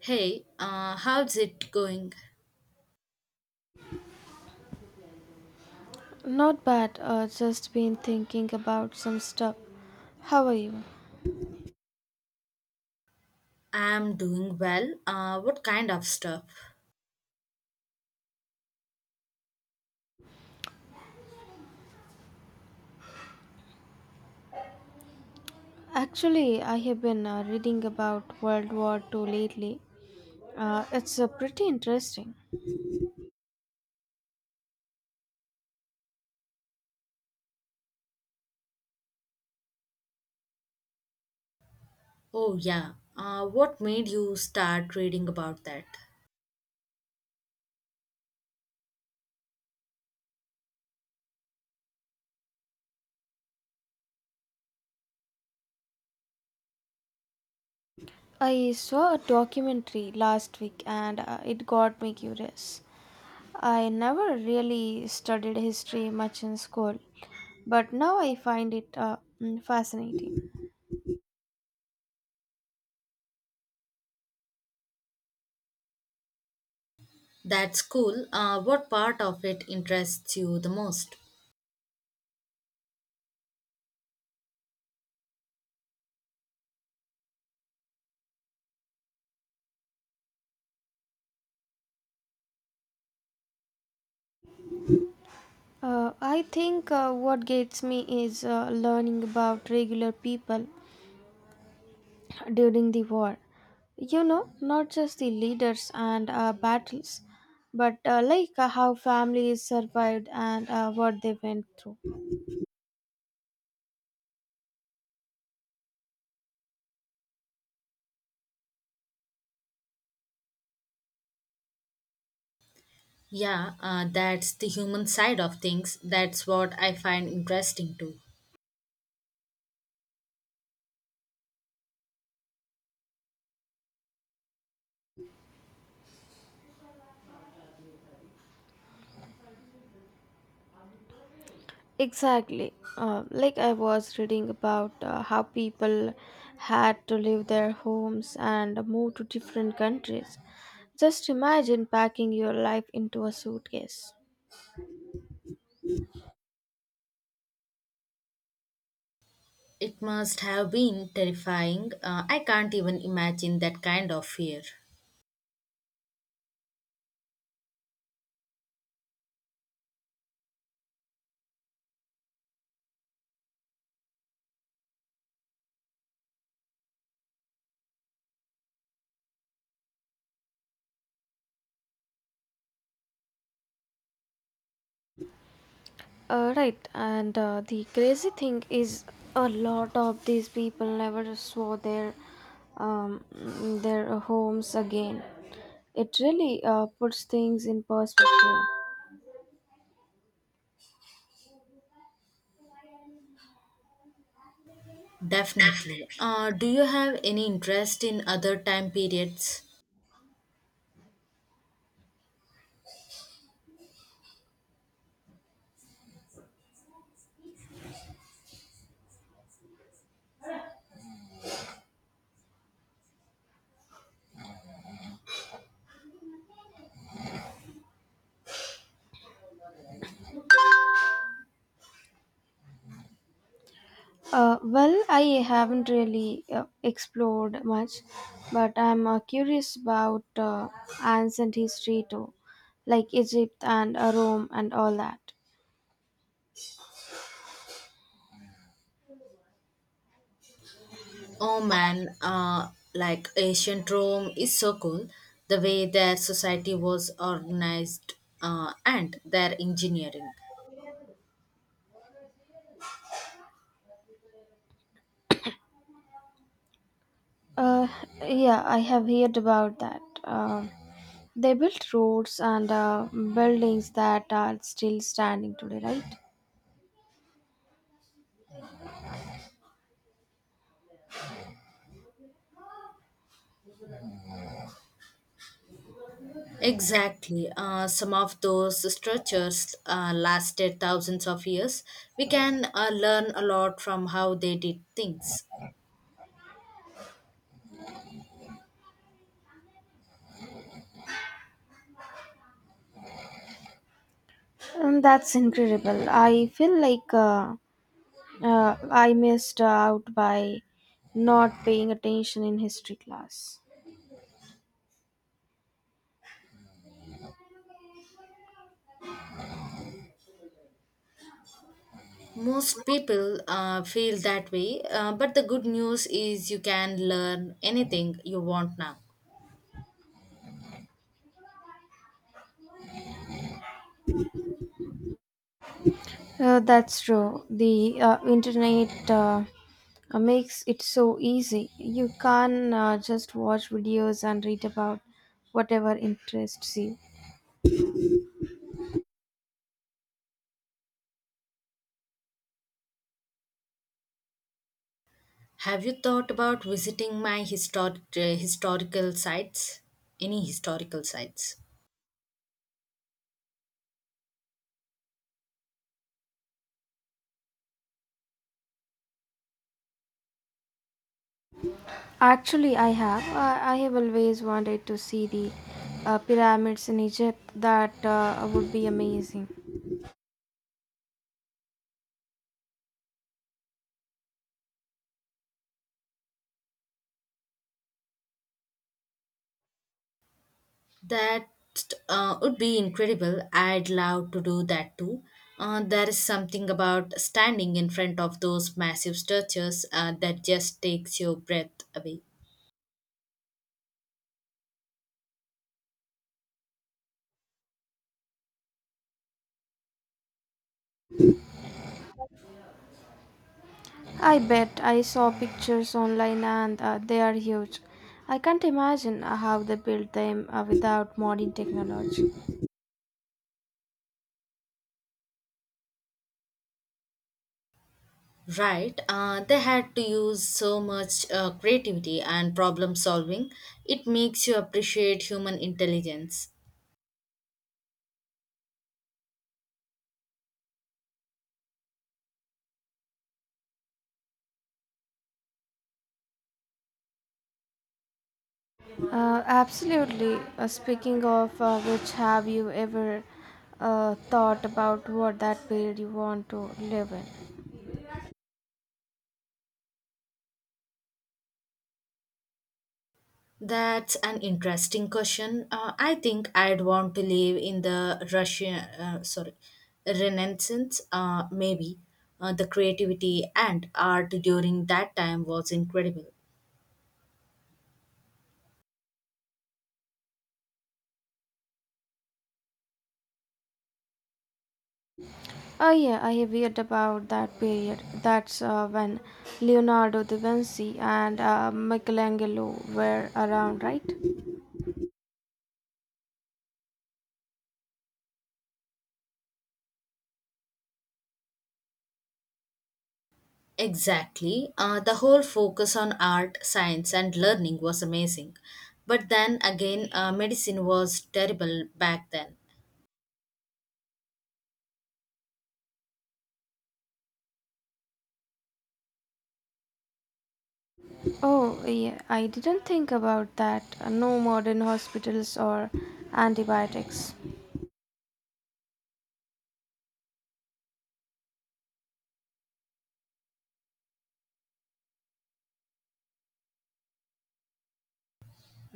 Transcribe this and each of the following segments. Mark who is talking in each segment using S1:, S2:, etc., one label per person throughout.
S1: Hey, how's it going?
S2: Not bad, just been thinking about some stuff. How are you?
S1: I'm doing well. What kind of stuff?
S2: Actually, I have been reading about World War Two lately. It's pretty interesting.
S1: Oh, yeah. What made you start reading about that?
S2: I saw a documentary last week and it got me curious. I never really studied history much in school, but now I find it fascinating.
S1: That's cool. What part of it interests you the most?
S2: I think what gets me is learning about regular people during the war. You know, not just the leaders and battles, but how families survived and what they went through.
S1: Yeah, that's the human side of things. That's what I find interesting too.
S2: Exactly. Like I was reading about how people had to leave their homes and move to different countries. Just imagine packing your life into a suitcase.
S1: It must have been terrifying. I can't even imagine that kind of fear.
S2: Right, and the crazy thing is, a lot of these people never saw um, their homes again. It really puts things in perspective.
S1: Definitely. Do you have any interest in other time periods?
S2: Well, I haven't really explored much, but I'm curious about ancient history too, like Egypt and Rome and all that.
S1: Oh man, like ancient Rome is so cool. The way their society was organized and their engineering.
S2: Uh, yeah, I have heard about that. They built roads and buildings that are still standing today, right?
S1: Exactly. Some of those structures lasted thousands of years. We can learn a lot from how they did things.
S2: And that's incredible. I feel like I missed out by not paying attention in history class.
S1: Most people feel that way, but the good news is you can learn anything you want now.
S2: That's true. The internet makes it so easy. You can just watch videos and read about whatever interests you.
S1: Have you thought about visiting my historical sites? Any historical sites?
S2: Actually, I have. I have always wanted to see the pyramids in Egypt. That would be amazing.
S1: That would be incredible. I'd love to do that too. There is something about standing in front of those massive structures that just takes your breath away.
S2: I bet I saw pictures online and they are huge. I can't imagine how they built them without modern technology.
S1: Right, they had to use so much creativity and problem solving. It makes you appreciate human intelligence.
S2: Absolutely. Speaking of which, have you ever thought about what that period you want to live in?
S1: That's an interesting question. I think I'd want to live in the Renaissance, maybe. The creativity and art during that time was incredible.
S2: Oh yeah, I have read about that period. That's when Leonardo da Vinci and Michelangelo were around, right?
S1: Exactly. The whole focus on art, science, and learning was amazing. But then again, medicine was terrible back then.
S2: Oh yeah, I didn't think about that. No modern hospitals or antibiotics.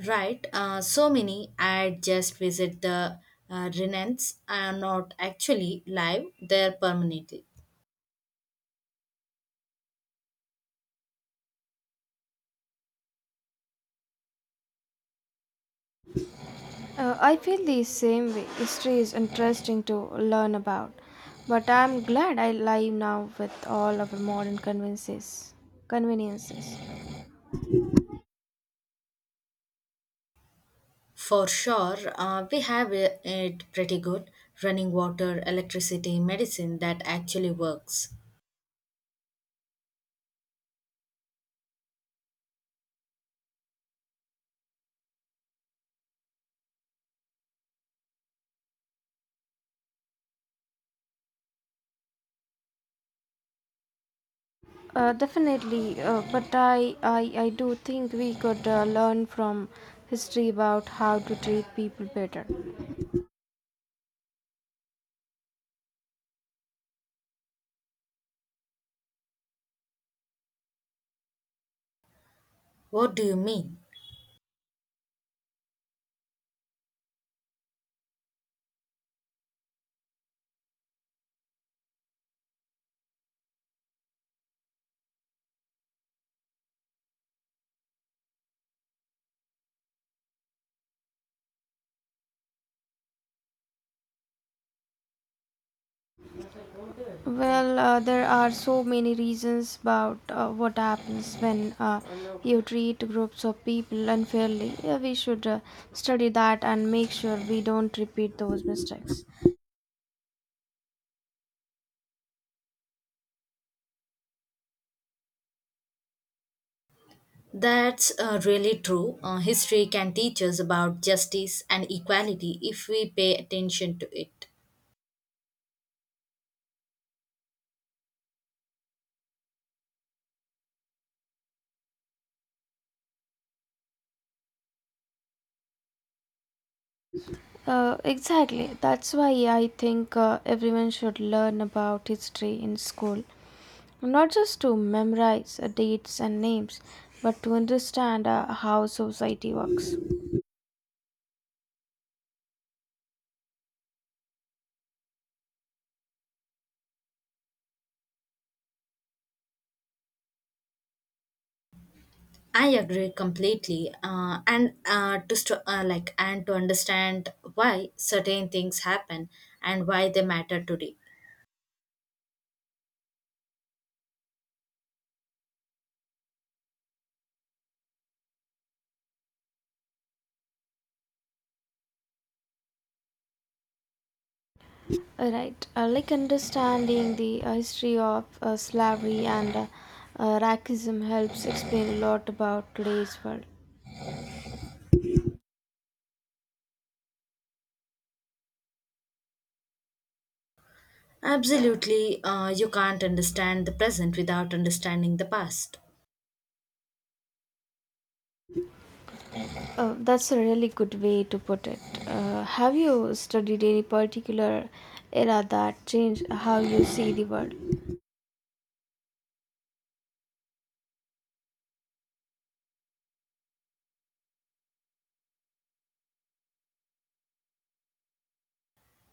S1: Right. So many. I just visit the Renans are not actually live; they're permanent.
S2: I feel the same way. History is interesting to learn about, but I'm glad I live now with all our modern conveniences. Conveniences.
S1: For sure, we have it pretty good running water, electricity, medicine that actually works.
S2: Definitely, but I do think we could learn from history about how to treat people better.
S1: What do you mean?
S2: Well, there are so many reasons about what happens when you treat groups of people unfairly. We should study that and make sure we don't repeat those mistakes.
S1: That's really true. History can teach us about justice and equality if we pay attention to it.
S2: Exactly. That's why I think everyone should learn about history in school. Not just to memorize dates and names, but to understand how society works.
S1: I agree completely, and to understand why certain things happen and why they matter today.
S2: Right. Like understanding the history of slavery and racism helps explain a lot about today's world.
S1: Absolutely, you can't understand the present without understanding the past.
S2: That's a really good way to put it. Have you studied any particular era that changed how you see the world?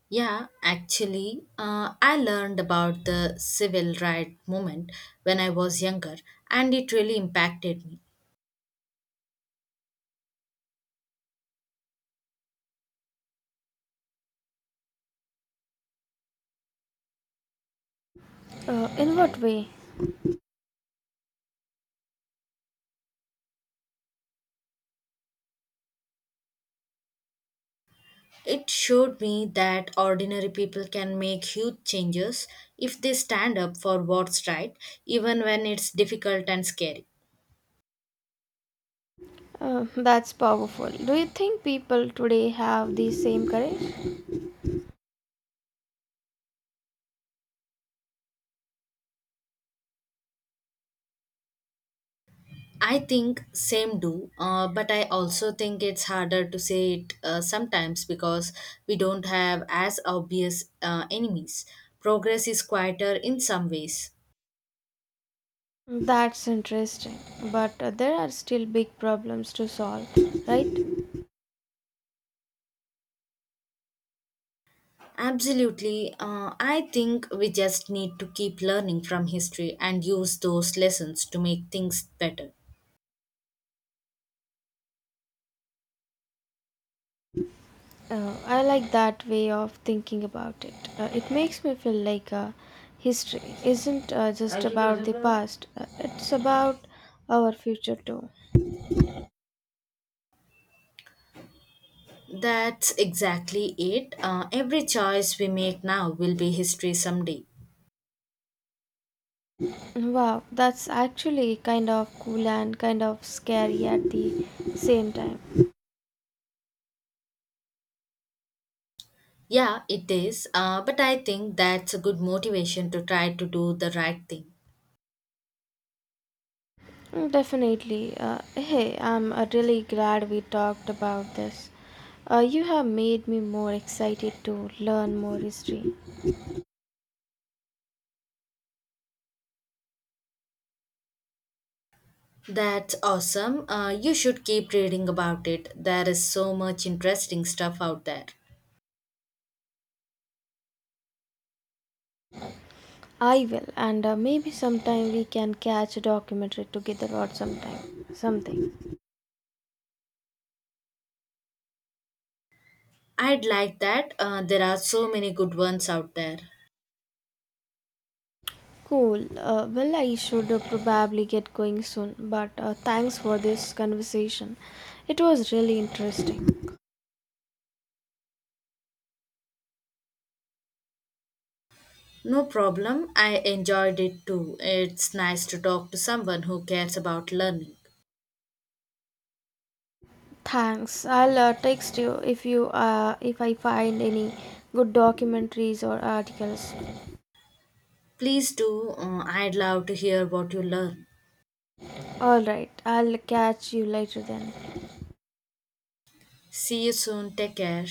S1: Yeah, actually, I learned about the civil rights movement when I was younger, and it really impacted me.
S2: In what way?
S1: It showed me that ordinary people can make huge changes if they stand up for what's right, even when it's difficult and scary.
S2: That's powerful. Do you think people today have the same courage?
S1: I think same do, but I also think it's harder to say it sometimes because we don't have as obvious enemies. Progress is quieter in some ways.
S2: That's interesting, but there are still big problems to solve, right?
S1: Absolutely. I think we just need to keep learning from history and use those lessons to make things better.
S2: I like that way of thinking about it. It makes me feel like history isn't just about the past, it's about our future too.
S1: That's exactly it. Every choice we make now will be history someday.
S2: Wow, that's actually kind of cool and kind of scary at the same time.
S1: Yeah, it is. But I think that's a good motivation to try to do the right thing.
S2: Mm, definitely. Hey, I'm really glad we talked about this. You have made me more excited to learn more history.
S1: That's awesome. You should keep reading about it. There is so much interesting stuff out there.
S2: I will, and maybe sometime we can catch a documentary together or sometime something.
S1: I'd like that. There are so many good ones out there.
S2: Cool. Well, I should probably get going soon, but thanks for this conversation. It was really interesting.
S1: No problem. I enjoyed it too. It's nice to talk to someone who cares about learning.
S2: Thanks. I'll text you if I find any good documentaries or articles.
S1: Please do. I'd love to hear what you learn.
S2: All right, I'll catch you later then.
S1: See you soon. Take care.